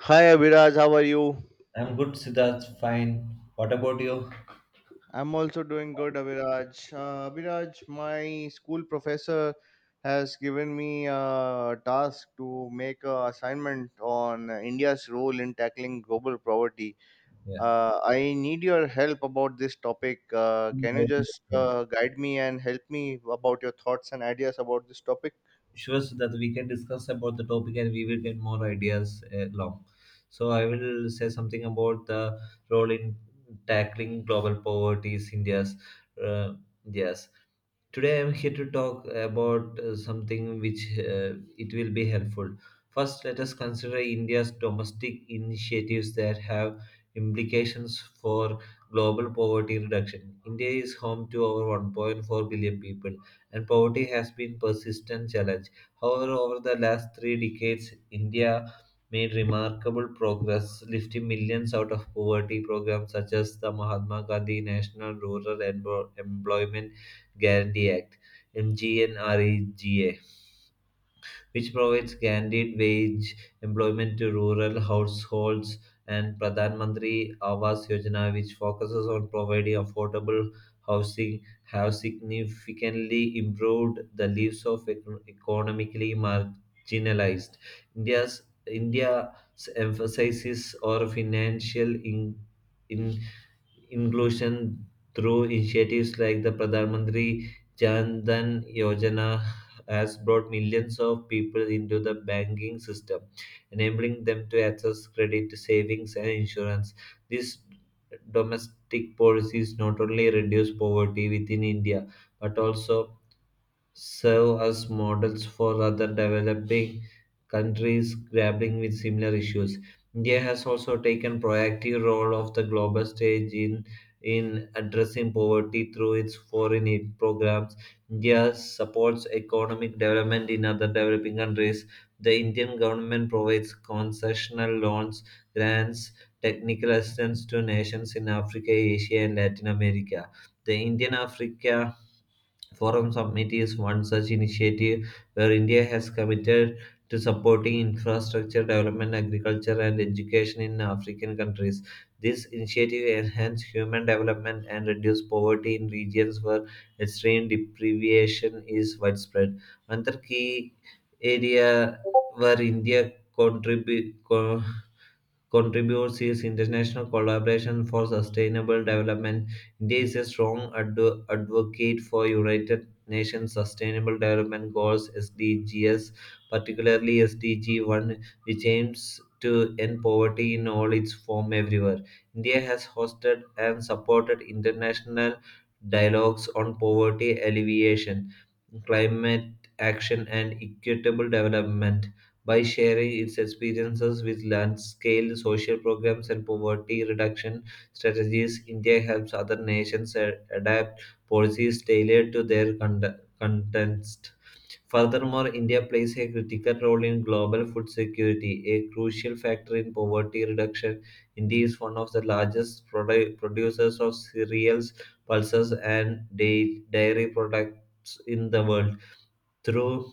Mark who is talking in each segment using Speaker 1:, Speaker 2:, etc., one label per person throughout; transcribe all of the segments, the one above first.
Speaker 1: Hi Abhiraj, how are you?
Speaker 2: I'm good, Siddharth. Fine. What about you?
Speaker 1: I'm also doing good, Abhiraj. Abhiraj, my school professor has given me a task to make an assignment on India's role in tackling global poverty.
Speaker 2: Yeah.
Speaker 1: I need your help about this topic.
Speaker 2: I'm
Speaker 1: Can you just
Speaker 2: good.
Speaker 1: guide me and help me about your thoughts and ideas about this topic?
Speaker 2: Sure, Siddharth, we can discuss about the topic and we will get more ideas along. So I will say something about the role in tackling global poverty is India's. Uh, yes. Today I'm here to talk about something which it will be helpful. First, let us consider india's domestic initiatives that have implications for global poverty reduction. India is home to over 1.4 billion people, and poverty has been persistent challenge. However, over the last 3 decades, india made remarkable progress, lifting millions out of poverty. Programs such as the Mahatma Gandhi National Rural Employment Guarantee Act (MGNREGA), which provides guaranteed wage employment to rural households, and Pradhan Mantri Awas Yojana, which focuses on providing affordable housing, have significantly improved the lives of economically marginalized. India's India's emphasis on financial in inclusion through initiatives like the Pradhan Mantri Jan Dhan Yojana has brought millions of people into the banking system, enabling them to access credit, savings, and insurance. These domestic policies not only reduce poverty within India but also serve as models for other developing countries grappling with similar issues. India has also taken proactive role of the global stage in addressing poverty through its foreign aid programs. India supports economic development in other developing countries. The Indian government provides concessional loans, grants, technical assistance to nations in Africa, Asia, and Latin America. The Indian Africa Forum Summit is one such initiative where India has committed to supporting infrastructure development, agriculture, and education in African countries. This initiative enhances human development and reduce poverty in regions where extreme deprivation is widespread. Another key area where India contributes his international collaboration for sustainable development. India is a strong advocate for United Nations Sustainable Development Goals (SDGs), particularly SDG 1, which aims to end poverty in all its form everywhere. India has hosted and supported international dialogues on poverty alleviation, climate action, and equitable development by sharing its experiences with large scale social programs and poverty reduction strategies. India helps other nations adapt policies tailored to their context. Furthermore, India plays a critical role in global food security, a crucial factor in poverty reduction. India is one of the largest producers of cereals, pulses, and dairy products in the world. Through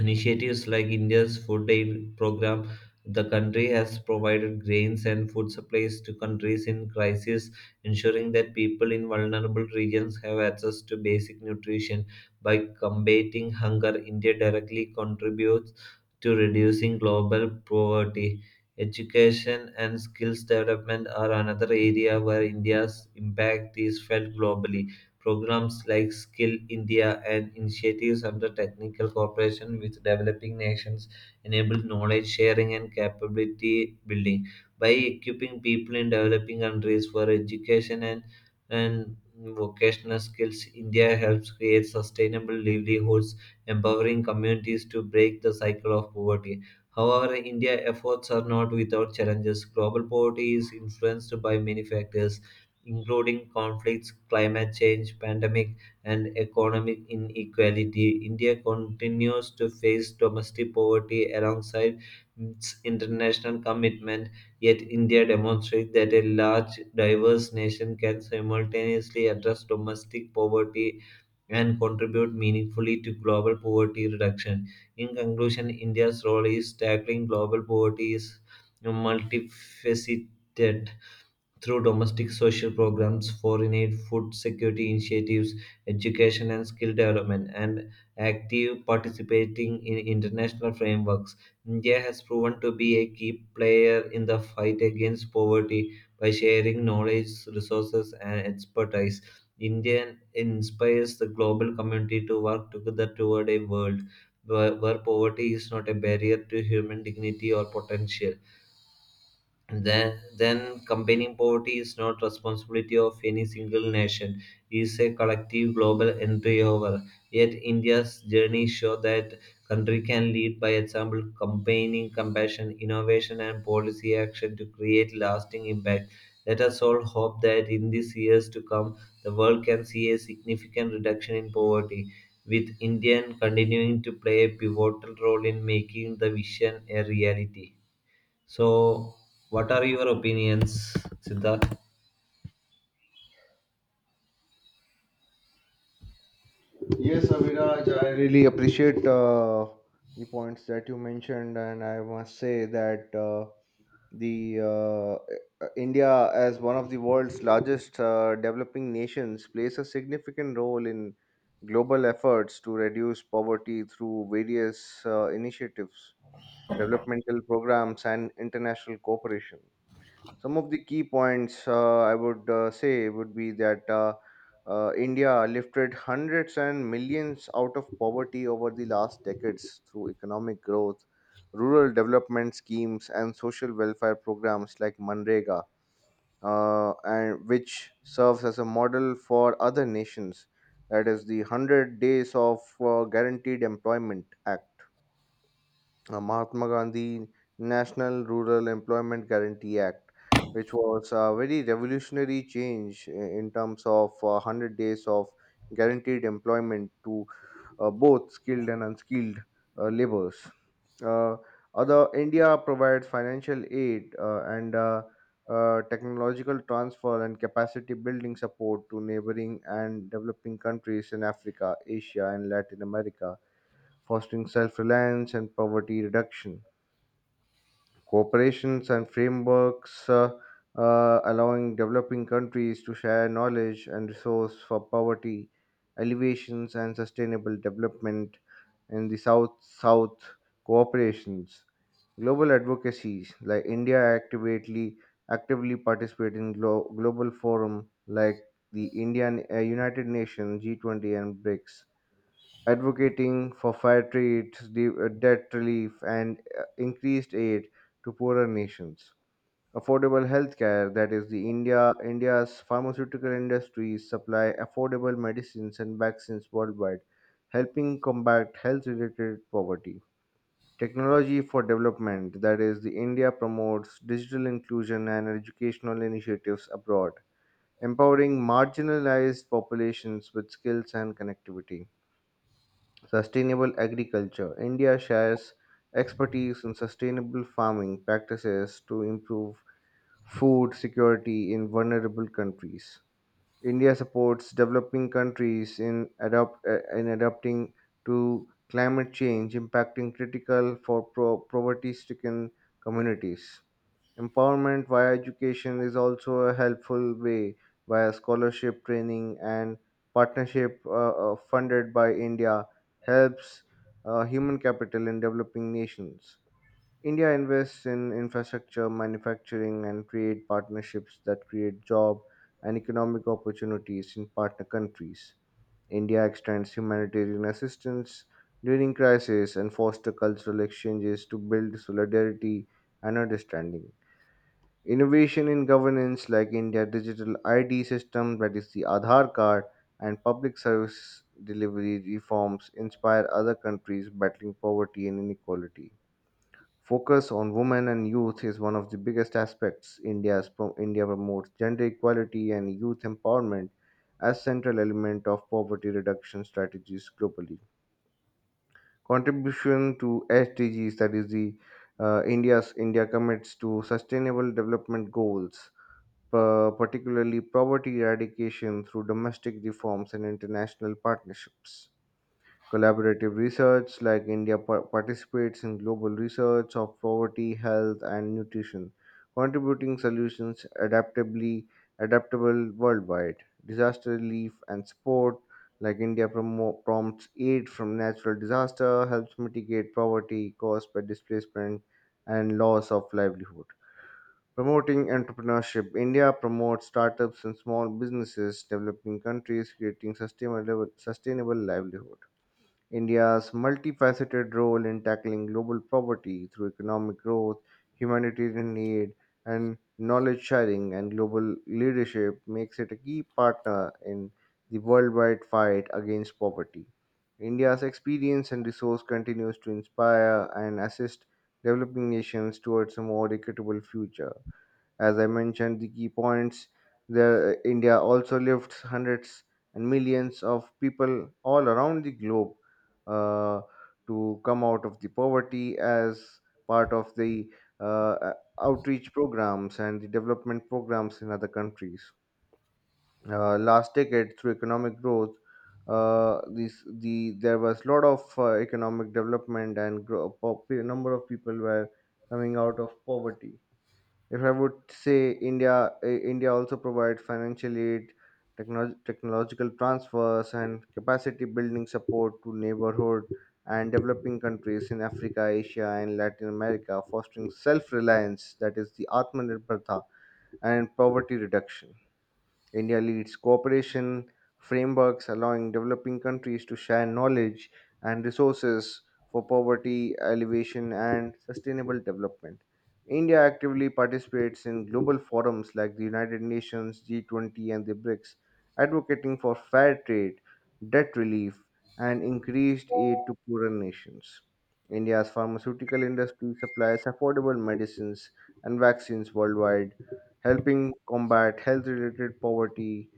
Speaker 2: initiatives like India's food aid program, the country has provided grains and food supplies to countries in crisis, ensuring that people in vulnerable regions have access to basic nutrition. By combating hunger, India directly contributes to reducing global poverty. Education and skills development are another area where India's impact is felt globally. Programs like Skill India and initiatives under technical cooperation with developing nations enable knowledge sharing and capability building. By equipping people in developing countries for education and vocational skills, India helps create sustainable livelihoods, empowering communities to break the cycle of poverty. However, India's efforts are not without challenges. Global poverty is influenced by many factors including conflicts, climate change, pandemic, and economic inequality. India continues to face domestic poverty alongside its international commitment. Yet, India demonstrates that a large, diverse nation can simultaneously address domestic poverty and contribute meaningfully to global poverty reduction. In conclusion, India's role is tackling global poverty is multifaceted through domestic social programs, foreign aid, food security initiatives, education and skill development, and active participating in international frameworks. India has proven to be a key player in the fight against poverty by sharing knowledge, resources, and expertise. India inspires the global community to work together toward a world where poverty is not a barrier to human dignity or potential. Then combating poverty is not responsibility of any single nation. It is a collective global endeavor. Yet india's journey shows that country can lead by example, combining compassion, innovation, and policy action to create lasting impact. Let us all hope that in these years to come, the world can see a significant reduction in poverty, with India continuing to play a pivotal role in making the vision a reality. So, what are your opinions, Siddharth?
Speaker 1: Yes, Abhiraj, I really appreciate the points that you mentioned, and I must say that. The India, as one of the world's largest developing nations, plays a significant role in global efforts to reduce poverty through various initiatives, developmental programs, and international cooperation. Some of the key points I would say would be that India lifted hundreds and millions out of poverty over the last decades through economic growth, rural development schemes, and social welfare programs like Manrega, and which serves as a model for other nations. That is the 100 Days of Guaranteed Employment Act, Mahatma Gandhi National Rural Employment Guarantee Act, which was a very revolutionary change in terms of 100 days of guaranteed employment to both skilled and unskilled laborers. Uh, Other India provides financial aid and technological transfer and capacity building support to neighboring and developing countries in Africa, Asia, and Latin America, fostering self reliance and poverty reduction cooperations and frameworks, allowing developing countries to share knowledge and resource for poverty alleviations and sustainable development in the south south cooperations. Global advocacies like India actively participate in global forum like the Indian United Nations, G20, and brics, advocating for fair trade, debt relief, and increased aid to poorer nations. Affordable healthcare, that is, the India's pharmaceutical industries supply affordable medicines and vaccines worldwide, helping combat health-related poverty. Technology for development, that is, the India promotes digital inclusion and educational initiatives abroad, empowering marginalized populations with skills and connectivity. Sustainable agriculture. India shares expertise in sustainable farming practices to improve food security in vulnerable countries. India supports developing countries in adapting to climate change, impacting critical for poverty stricken communities. Empowerment via education is also a helpful way via scholarship training and partnership funded by India helps human capital in developing nations. India invests in infrastructure, manufacturing, and create partnerships that create job and economic opportunities in partner countries. India extends humanitarian assistance during crisis and foster cultural exchanges to build solidarity and understanding. Innovation in governance, like India digital ID system, that is the Aadhaar card, and public service delivery reforms, inspire other countries battling poverty and inequality. Focus on women and youth is one of the biggest aspects. India promotes gender equality and youth empowerment as central element of poverty reduction strategies globally. Contribution to SDGs, that is the India commits to sustainable development goals, particularly poverty eradication through domestic reforms and international partnerships. Collaborative research, like India participates in global research of poverty, health, and nutrition, contributing solutions adaptably adaptable worldwide. Disaster relief and support, like India prompts aid from natural disaster, helps mitigate poverty caused by displacement and loss of livelihood. Promoting entrepreneurship. India promotes startups and small businesses, developing countries, creating sustainable livelihood. India's multifaceted role in tackling global poverty through economic growth, humanitarian aid, and knowledge sharing and global leadership makes it a key partner in the worldwide fight against poverty. India's experience and resource continues to inspire and assist developing nations towards a more equitable future. As I mentioned, the key points, the India also lifts hundreds and millions of people all around the globe uh, to come out of the poverty as part of the uh, uh, outreach programs and the development programs in other countries. Last decade, through economic growth, this the there was a lot of economic development and number of people were coming out of poverty. If I would say India, India also provides financial aid, technological transfers, and capacity building support to neighborhood and developing countries in Africa, Asia, and Latin America, fostering self reliance, that is, the Atmanirbharta, and poverty reduction. India leads cooperation frameworks allowing developing countries to share knowledge and resources for poverty alleviation and sustainable development. India actively participates in global forums like the United Nations, G20, and the BRICS, advocating for fair trade, debt relief, and increased aid to poorer nations. India's pharmaceutical industry supplies affordable medicines and vaccines worldwide, helping combat health related poverty.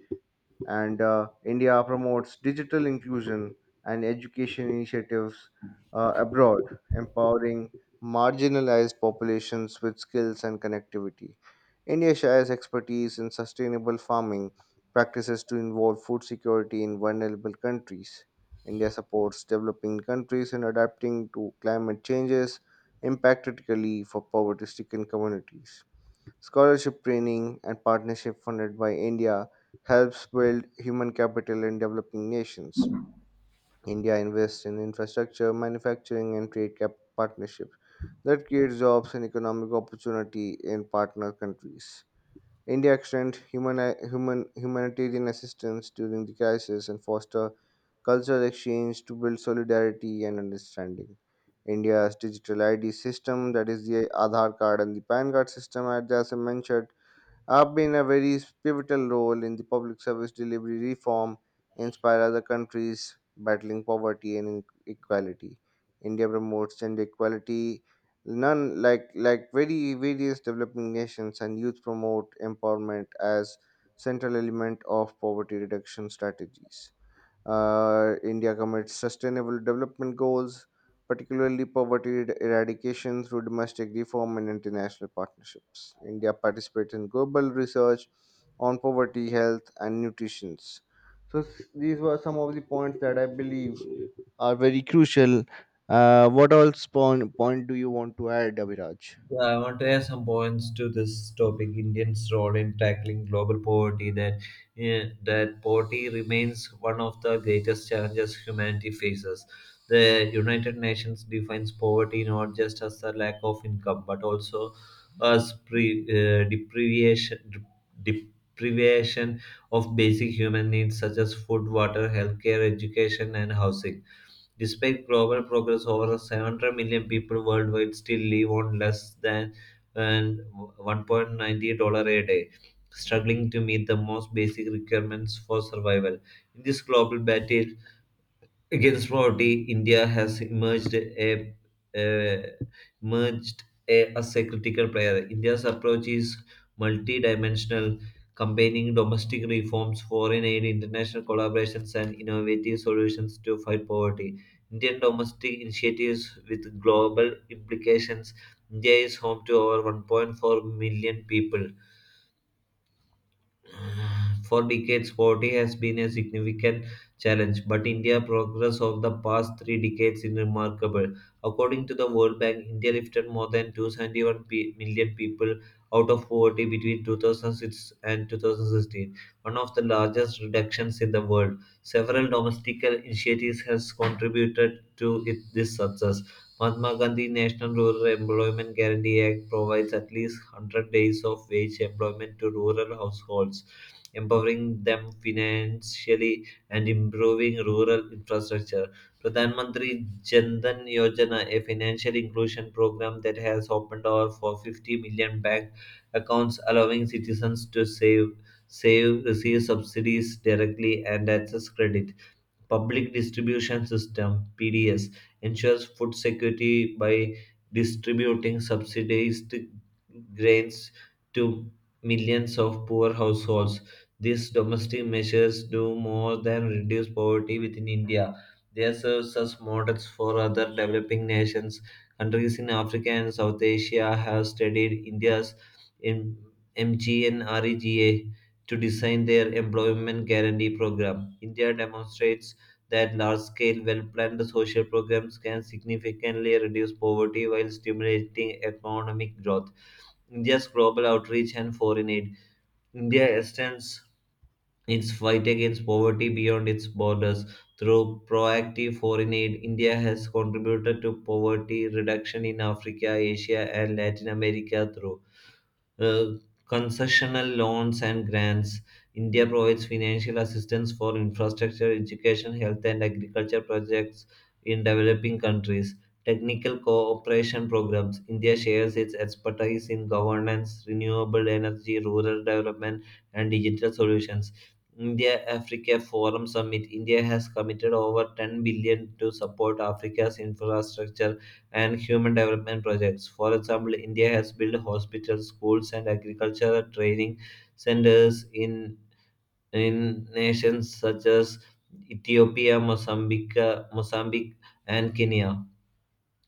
Speaker 1: And India promotes digital inclusion and education initiatives abroad, empowering marginalized populations with skills and connectivity. India shares expertise in sustainable farming practices to involve food security in vulnerable countries. India supports developing countries in adapting to climate changes impact critically for poverty stricken communities. Scholarship training and partnership funded by India helps build human capital in developing nations. India invests in infrastructure, manufacturing, and partnerships that create jobs and economic opportunity in partner countries. India extends humanitarian assistance during the crisis and foster cultural exchange to build solidarity and understanding. India's digital ID system, that is the Aadhaar card and the PAN card system, as I mentioned, have been a very pivotal role in the public service delivery reform, inspire other countries battling poverty and inequality. India promotes gender equality. None like like Very various developing nations and youth promote empowerment as central element of poverty reduction strategies. India commits sustainable development goals, particularly eradication through domestic reform and international partnerships. India participates in global research on poverty, health, and nutrition. So, these were some of the points that I believe are very crucial. What else point do you want to add, Abhiraj?
Speaker 2: Yeah, I want to add some points to this topic: Indians' role in tackling global poverty. That poverty remains one of the greatest challenges humanity faces. The United Nations defines poverty not just as the lack of income, but also as deprivation of basic human needs such as food, water, healthcare, education, and housing. Despite global progress, over 700 million people worldwide still live on less than and $1.90 a day, struggling to meet the most basic requirements for survival. In this global battle against poverty, India has a emerged as a critical player. India's approach is multidimensional, combining domestic reforms, foreign aid, international collaborations, and innovative solutions to fight poverty. Indian domestic initiatives with global implications. India is home to over 1.4 million people. For decades, poverty has been a significant challenge, but India's progress over the past three decades is remarkable. According to the World Bank, India lifted more than 271 million people out of poverty between 2006 and 2016, one of the largest reductions in the world. Several domestic initiatives has contributed to it, this success. Mahatma Gandhi National Rural Employment Guarantee Act provides at least 100 days of wage employment to rural households, empowering them financially and improving rural infrastructure. Pradhan Mantri Jan Dhan Yojana, a financial inclusion program that has opened over for 50 million bank accounts, allowing citizens to save, receive subsidies directly and access credit. Public Distribution System (PDS) ensures food security by distributing subsidized grains to millions of poor households. These domestic measures do more than reduce poverty within India. They serve as models for other developing nations. Countries in Africa and South Asia have studied India's M- MGNREGA to design their employment guarantee program. India demonstrates that large scale, well planned social programs can significantly reduce poverty while stimulating economic growth. India's global outreach and foreign aid. India extends its fight against poverty beyond its borders. Through proactive foreign aid, India has contributed to poverty reduction in Africa, Asia, and Latin America through uh, concessional loans and grants. India provides financial assistance for infrastructure, education, health, and agriculture projects in developing countries. Technical cooperation programs. India shares its expertise in governance, renewable energy, rural development, and digital solutions. India Africa Forum Summit. India has committed over 10 billion to support Africa's infrastructure and human development projects. For example, India has built hospitals, schools, and agricultural training centers in nations such as Ethiopia, Mozambique, and Kenya.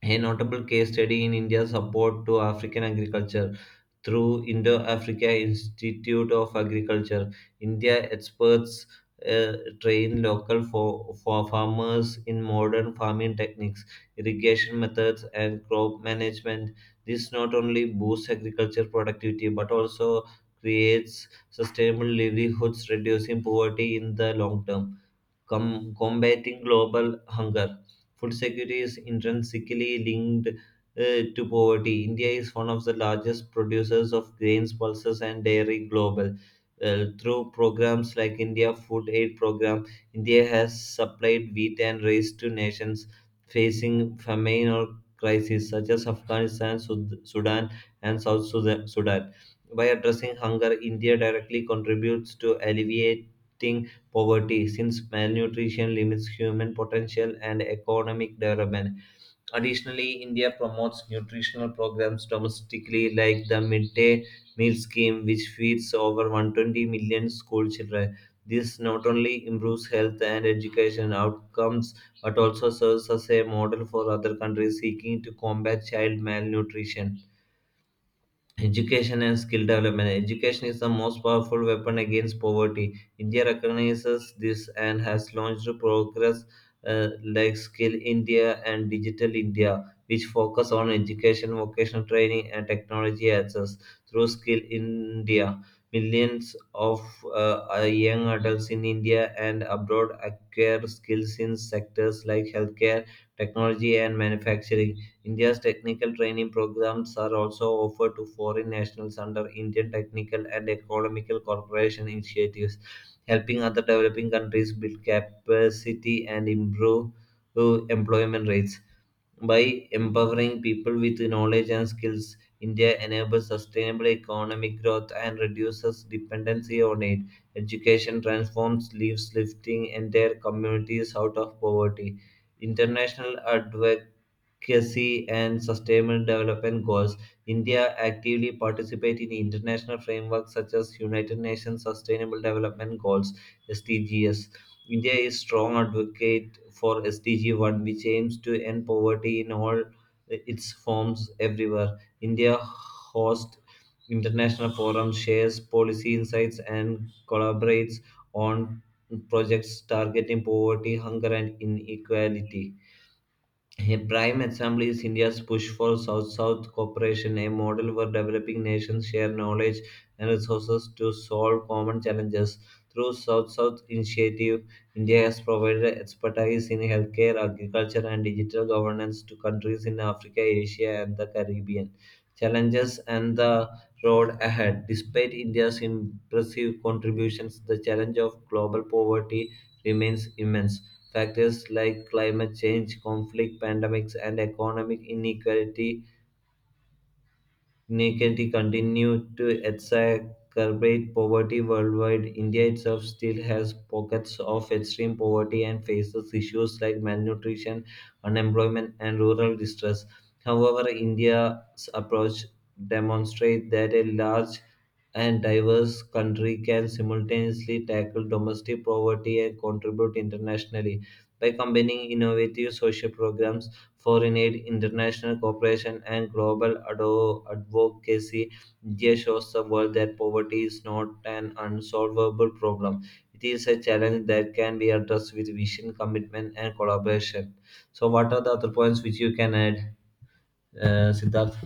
Speaker 2: A notable case study in India's support to African agriculture through Indo Africa Institute of Agriculture. India experts uh, train local for farmers in modern farming techniques, irrigation methods, and crop management. This not only boosts agriculture productivity but also creates sustainable livelihoods, reducing poverty in the long term, combating global hunger. Food security is intrinsically linked to poverty. India is one of the largest producers of grains, pulses, and dairy global. Through programs like India Food Aid Program, India has supplied wheat and rice to nations facing famine or crises such as Afghanistan, Sudan, and South Sudan. By addressing hunger, India directly contributes to alleviating poverty, since malnutrition limits human potential and economic development. Additionally, India promotes nutritional programs domestically, like the midday meal scheme, which feeds over 120 million school children. This not only improves health and education outcomes but also serves as a model for other countries seeking to combat child malnutrition. Education and skill development. Education is the most powerful weapon against poverty. India recognizes this and has launched programs like Skill India and Digital India, which focus on education, vocational training, and technology access. Through Skill India, millions of young adults in India and abroad acquire skills in sectors like healthcare, technology, and manufacturing. India's technical training programs are also offered to foreign nationals under Indian technical and economical cooperation initiatives, helping other developing countries build capacity and improve employment rates. By empowering people with knowledge and skills, India enables sustainable economic growth and reduces dependency on aid. Education transforms lives, lifting entire communities out of poverty. International advocacy and sustainable development goals. India actively participates in international frameworks such as United Nations Sustainable Development Goals (SDGs). India is strong advocate for SDG 1, which aims to end poverty in all its forms everywhere. India hosts international forums, shares policy insights, and collaborates on projects targeting poverty, hunger, and inequality. A prime example is India's push for South South cooperation, a model where developing nations share knowledge and resources to solve common challenges. Through South South Initiative, India has provided expertise in healthcare, agriculture, and digital governance to countries in Africa, Asia, and the Caribbean. Challenges and the road ahead. Despite India's impressive contributions, the challenge of global poverty remains immense. Factors like climate change, conflict, pandemics, and economic inequality continues to exacerbate poverty worldwide. India itself still has pockets of extreme poverty and faces issues like malnutrition, unemployment, and rural distress. However, India's approach demonstrates that a large and diverse country can simultaneously tackle domestic poverty and contribute internationally. By combining innovative social programs, foreign aid, international cooperation, and global advocacy, India shows the world that poverty is not an unsolvable problem. It is a challenge that can be addressed with vision, commitment, and collaboration. So, what are the other points which you can add, Siddharth?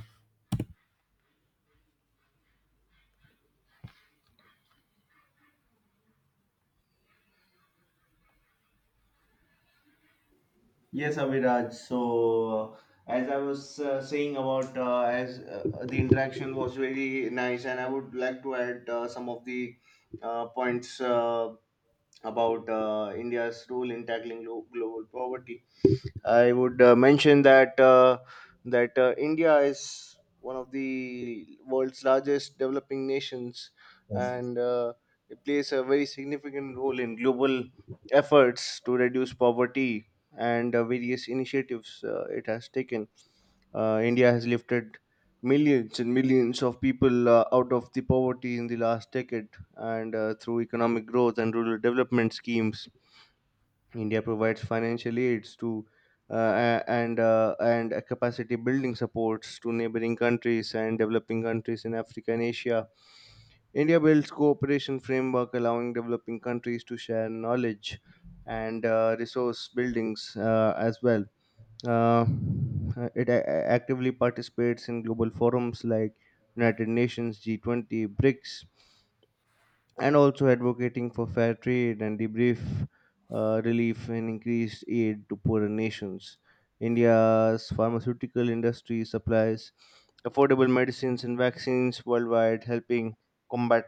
Speaker 1: Yes, Abhiraj. So, as I was saying about as the interaction was very nice, and I would like to add some of the points about India's role in tackling global poverty. I would mention that India is one of the world's largest developing nations, and it plays a very significant role in global efforts to reduce poverty and various initiatives it has taken. India has lifted millions and millions of people out of the poverty in the last decade, and through economic growth and rural development schemes India provides financial aids to uh, and a capacity building supports to neighboring countries and developing countries in Africa and Asia. India builds cooperation framework allowing developing countries to share knowledge and resource buildings as well. Uh, actively participates in global forums like United Nations, G20, BRICS, and also advocating for fair trade and debrief relief and increased aid to poorer nations. India's pharmaceutical industry supplies affordable medicines and vaccines worldwide, helping combat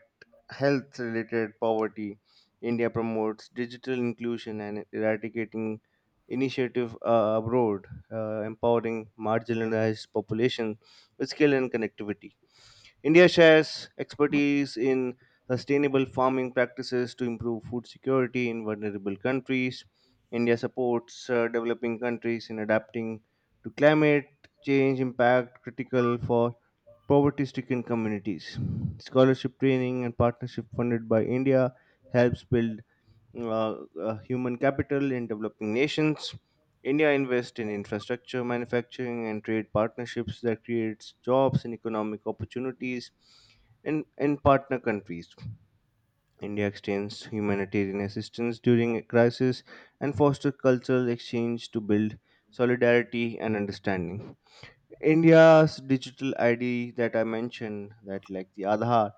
Speaker 1: health related poverty. India promotes digital inclusion and eradicating initiative abroad, empowering marginalized population with skill and connectivity. India shares expertise in sustainable farming practices to improve food security in vulnerable countries. India supports developing countries in adapting to climate change impact critical for poverty stricken communities. Scholarship training and partnership funded by India helps build uh, human capital in developing nations. India invests in infrastructure, manufacturing, and trade partnerships that creates jobs and economic opportunities in partner countries. India extends humanitarian assistance during a crisis and fosters cultural exchange to build solidarity and understanding. India's digital ID that I mentioned, that like the Aadhaar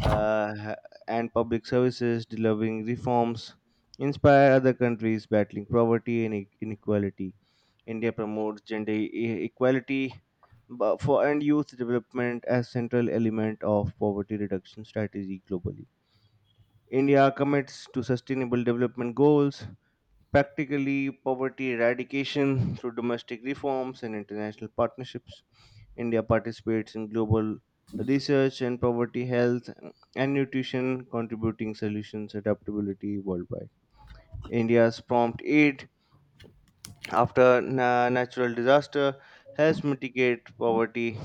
Speaker 1: uh, ha- and public services delivering reforms, inspire other countries battling poverty and inequality. India promotes gender equality for and youth development as central element of poverty reduction strategy globally. India commits to sustainable development goals, practically poverty eradication through domestic reforms and international partnerships. India participates in global research and poverty health and nutrition, contributing solutions adaptability worldwide. India's prompt aid after natural disaster helps mitigate poverty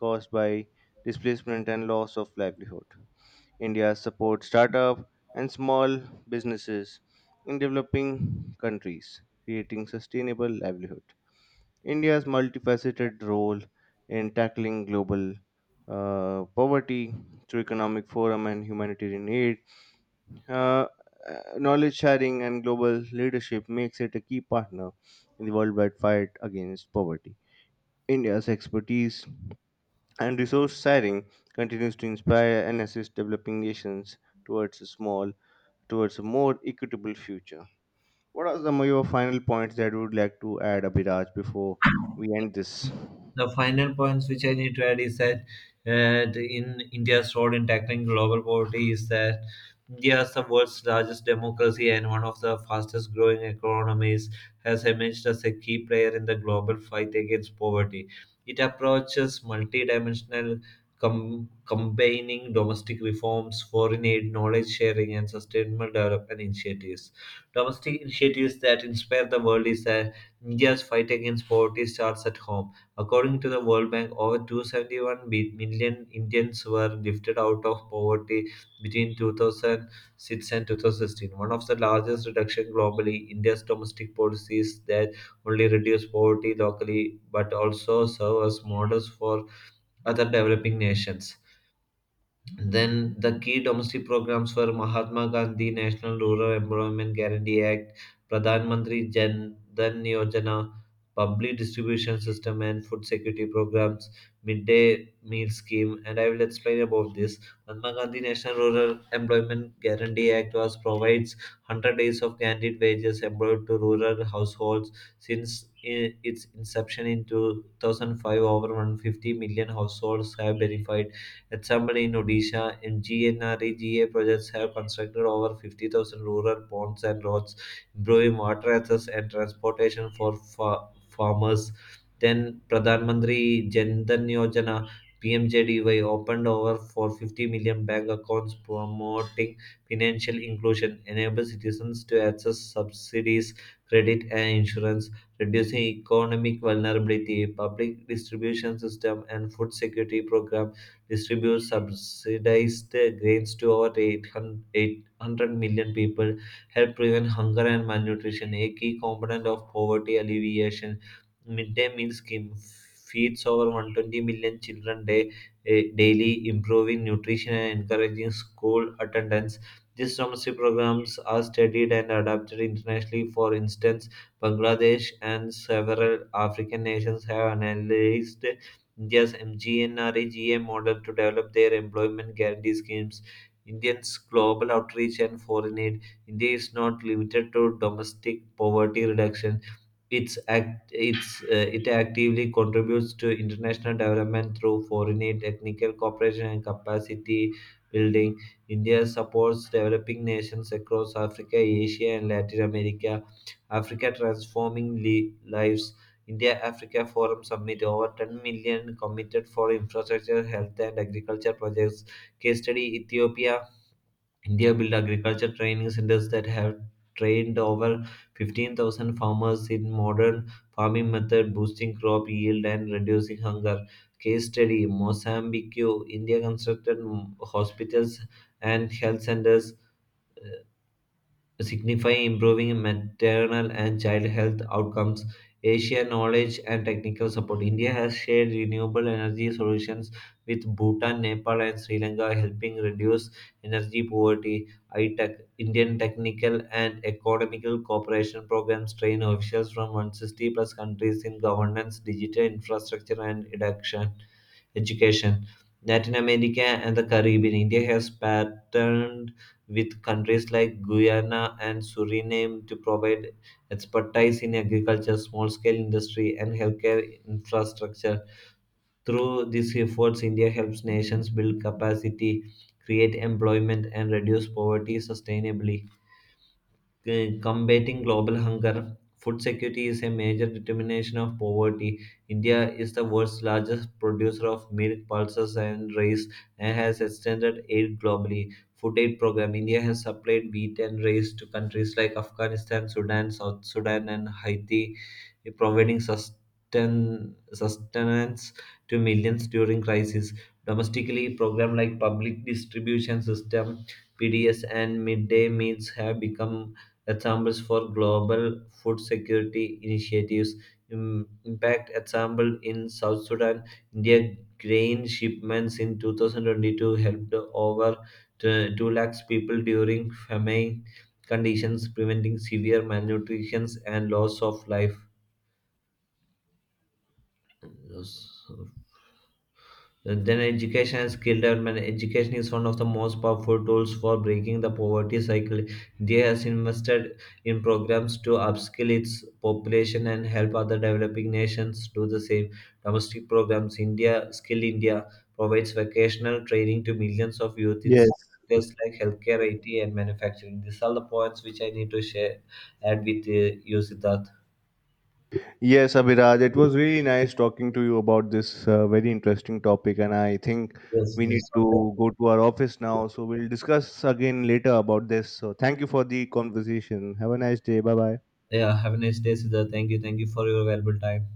Speaker 1: caused by displacement and loss of livelihood. India supports startup and small businesses in developing countries, creating sustainable livelihood. India's multifaceted role in tackling global poverty through economic forum and humanitarian aid, uh, knowledge sharing, and global leadership makes it a key partner in the worldwide fight against poverty. India's expertise and resource sharing continues to inspire and assist developing nations towards a small towards a more equitable future. What are some of your final points that you would like to add, Abhiraj, before we end this?
Speaker 2: The final points which I need to add is that in India's role in tackling global poverty is that India is the world's largest democracy and one of the fastest growing economies, has emerged as a key player in the global fight against poverty. It approaches multidimensional, combining domestic reforms, foreign aid, knowledge sharing, and sustainable development initiatives. Domestic initiatives that inspire the world is that India's fight against poverty starts at home. According to the World Bank, over 271 million Indians were lifted out of poverty between 2006 and 2016. One of the largest reduction globally, India's domestic policies that only reduce poverty locally but also serve as models for other developing nations. Then the key domestic programs were Mahatma Gandhi National Rural Employment Guarantee Act, Pradhan Mantri Jan Dhan Yojana, Public Distribution System and Food Security Programs, Midday Meal Scheme, and I will explain about this. Mahatma Gandhi National Rural Employment Guarantee Act was provides 100 days of guaranteed wages employed to rural households since its inception in 2005. Over 150 million households have benefited. At Sambar in Odisha, MGNREGA projects have constructed over 50,000 rural ponds and roads, improving water access and transportation for farmers. Then Pradhan Mantri Jan Dhan Yojana, PMJDY, opened over 450 million bank accounts promoting financial inclusion, enable citizens to access subsidies, credit and insurance, reducing economic vulnerability. Public distribution system and food security program distributes subsidized grains to over 800 million people, help prevent hunger and malnutrition, a key component of poverty alleviation. Midday meal scheme feeds over 120 million children daily, improving nutrition and encouraging school attendance. These domestic programs are studied and adapted internationally. For instance, Bangladesh and several African nations have analyzed India's GNRAGA model to develop their employment guarantee schemes. Indians' global outreach and foreign aid. India is not limited to domestic poverty reduction. It actively contributes to international development through foreign aid, technical cooperation, and capacity building. India supports developing nations across Africa, Asia, and Latin America. Africa transforming lives. India Africa Forum Summit over 10 million committed for infrastructure, health, and agriculture projects. Case study Ethiopia. India built agriculture training centers that have trained over 15,000 farmers in modern farming method, boosting crop yield and reducing hunger. Case study Mozambique. India constructed hospitals and health centers signify improving maternal and child health outcomes. Asia knowledge and technical support. India has shared renewable energy solutions with Bhutan, Nepal, and Sri Lanka, helping reduce energy poverty. ITEC, Indian technical and economical cooperation programs train officials from 160 plus countries in governance, digital infrastructure, and education. Latin America and the Caribbean. India has partnered with countries like Guyana and Suriname to provide expertise in agriculture, small scale industry, and healthcare infrastructure. Through these efforts, India helps nations build capacity, create employment, and reduce poverty sustainably, combating global hunger. Food security is a major determination of poverty. India is the world's largest producer of milk, pulses, and rice and has extended aid globally. Food aid program India has supplied wheat and rice to countries like Afghanistan, Sudan, South Sudan, and Haiti, providing sustenance to millions during crisis. Domestically, program like public distribution system, PDS, and midday meals have become examples for global food security initiatives. Impact example in South Sudan, India grain shipments in 2022 helped over 2 lakhs people during famine conditions, preventing severe malnutrition and loss of life. Then education and skill development. Education is one of the most powerful tools for breaking the poverty cycle. They has invested in programs to upskill its population and help other developing nations do the same. Domestic programs India Skill India provides vocational training to millions of youth in
Speaker 1: Yes.
Speaker 2: sectors like healthcare, IT, and manufacturing. These are the points which I need to share add with you, Siddharth.
Speaker 1: Yes, Abhiraj, it was really nice talking to you about this very interesting topic, and I think
Speaker 2: Yes,
Speaker 1: we
Speaker 2: this.
Speaker 1: need to go to our office now. So we'll discuss again later about this. So thank you for the conversation. Have a nice day. Bye bye.
Speaker 2: Yeah, have a nice day, Siddharth. Thank you for your valuable time.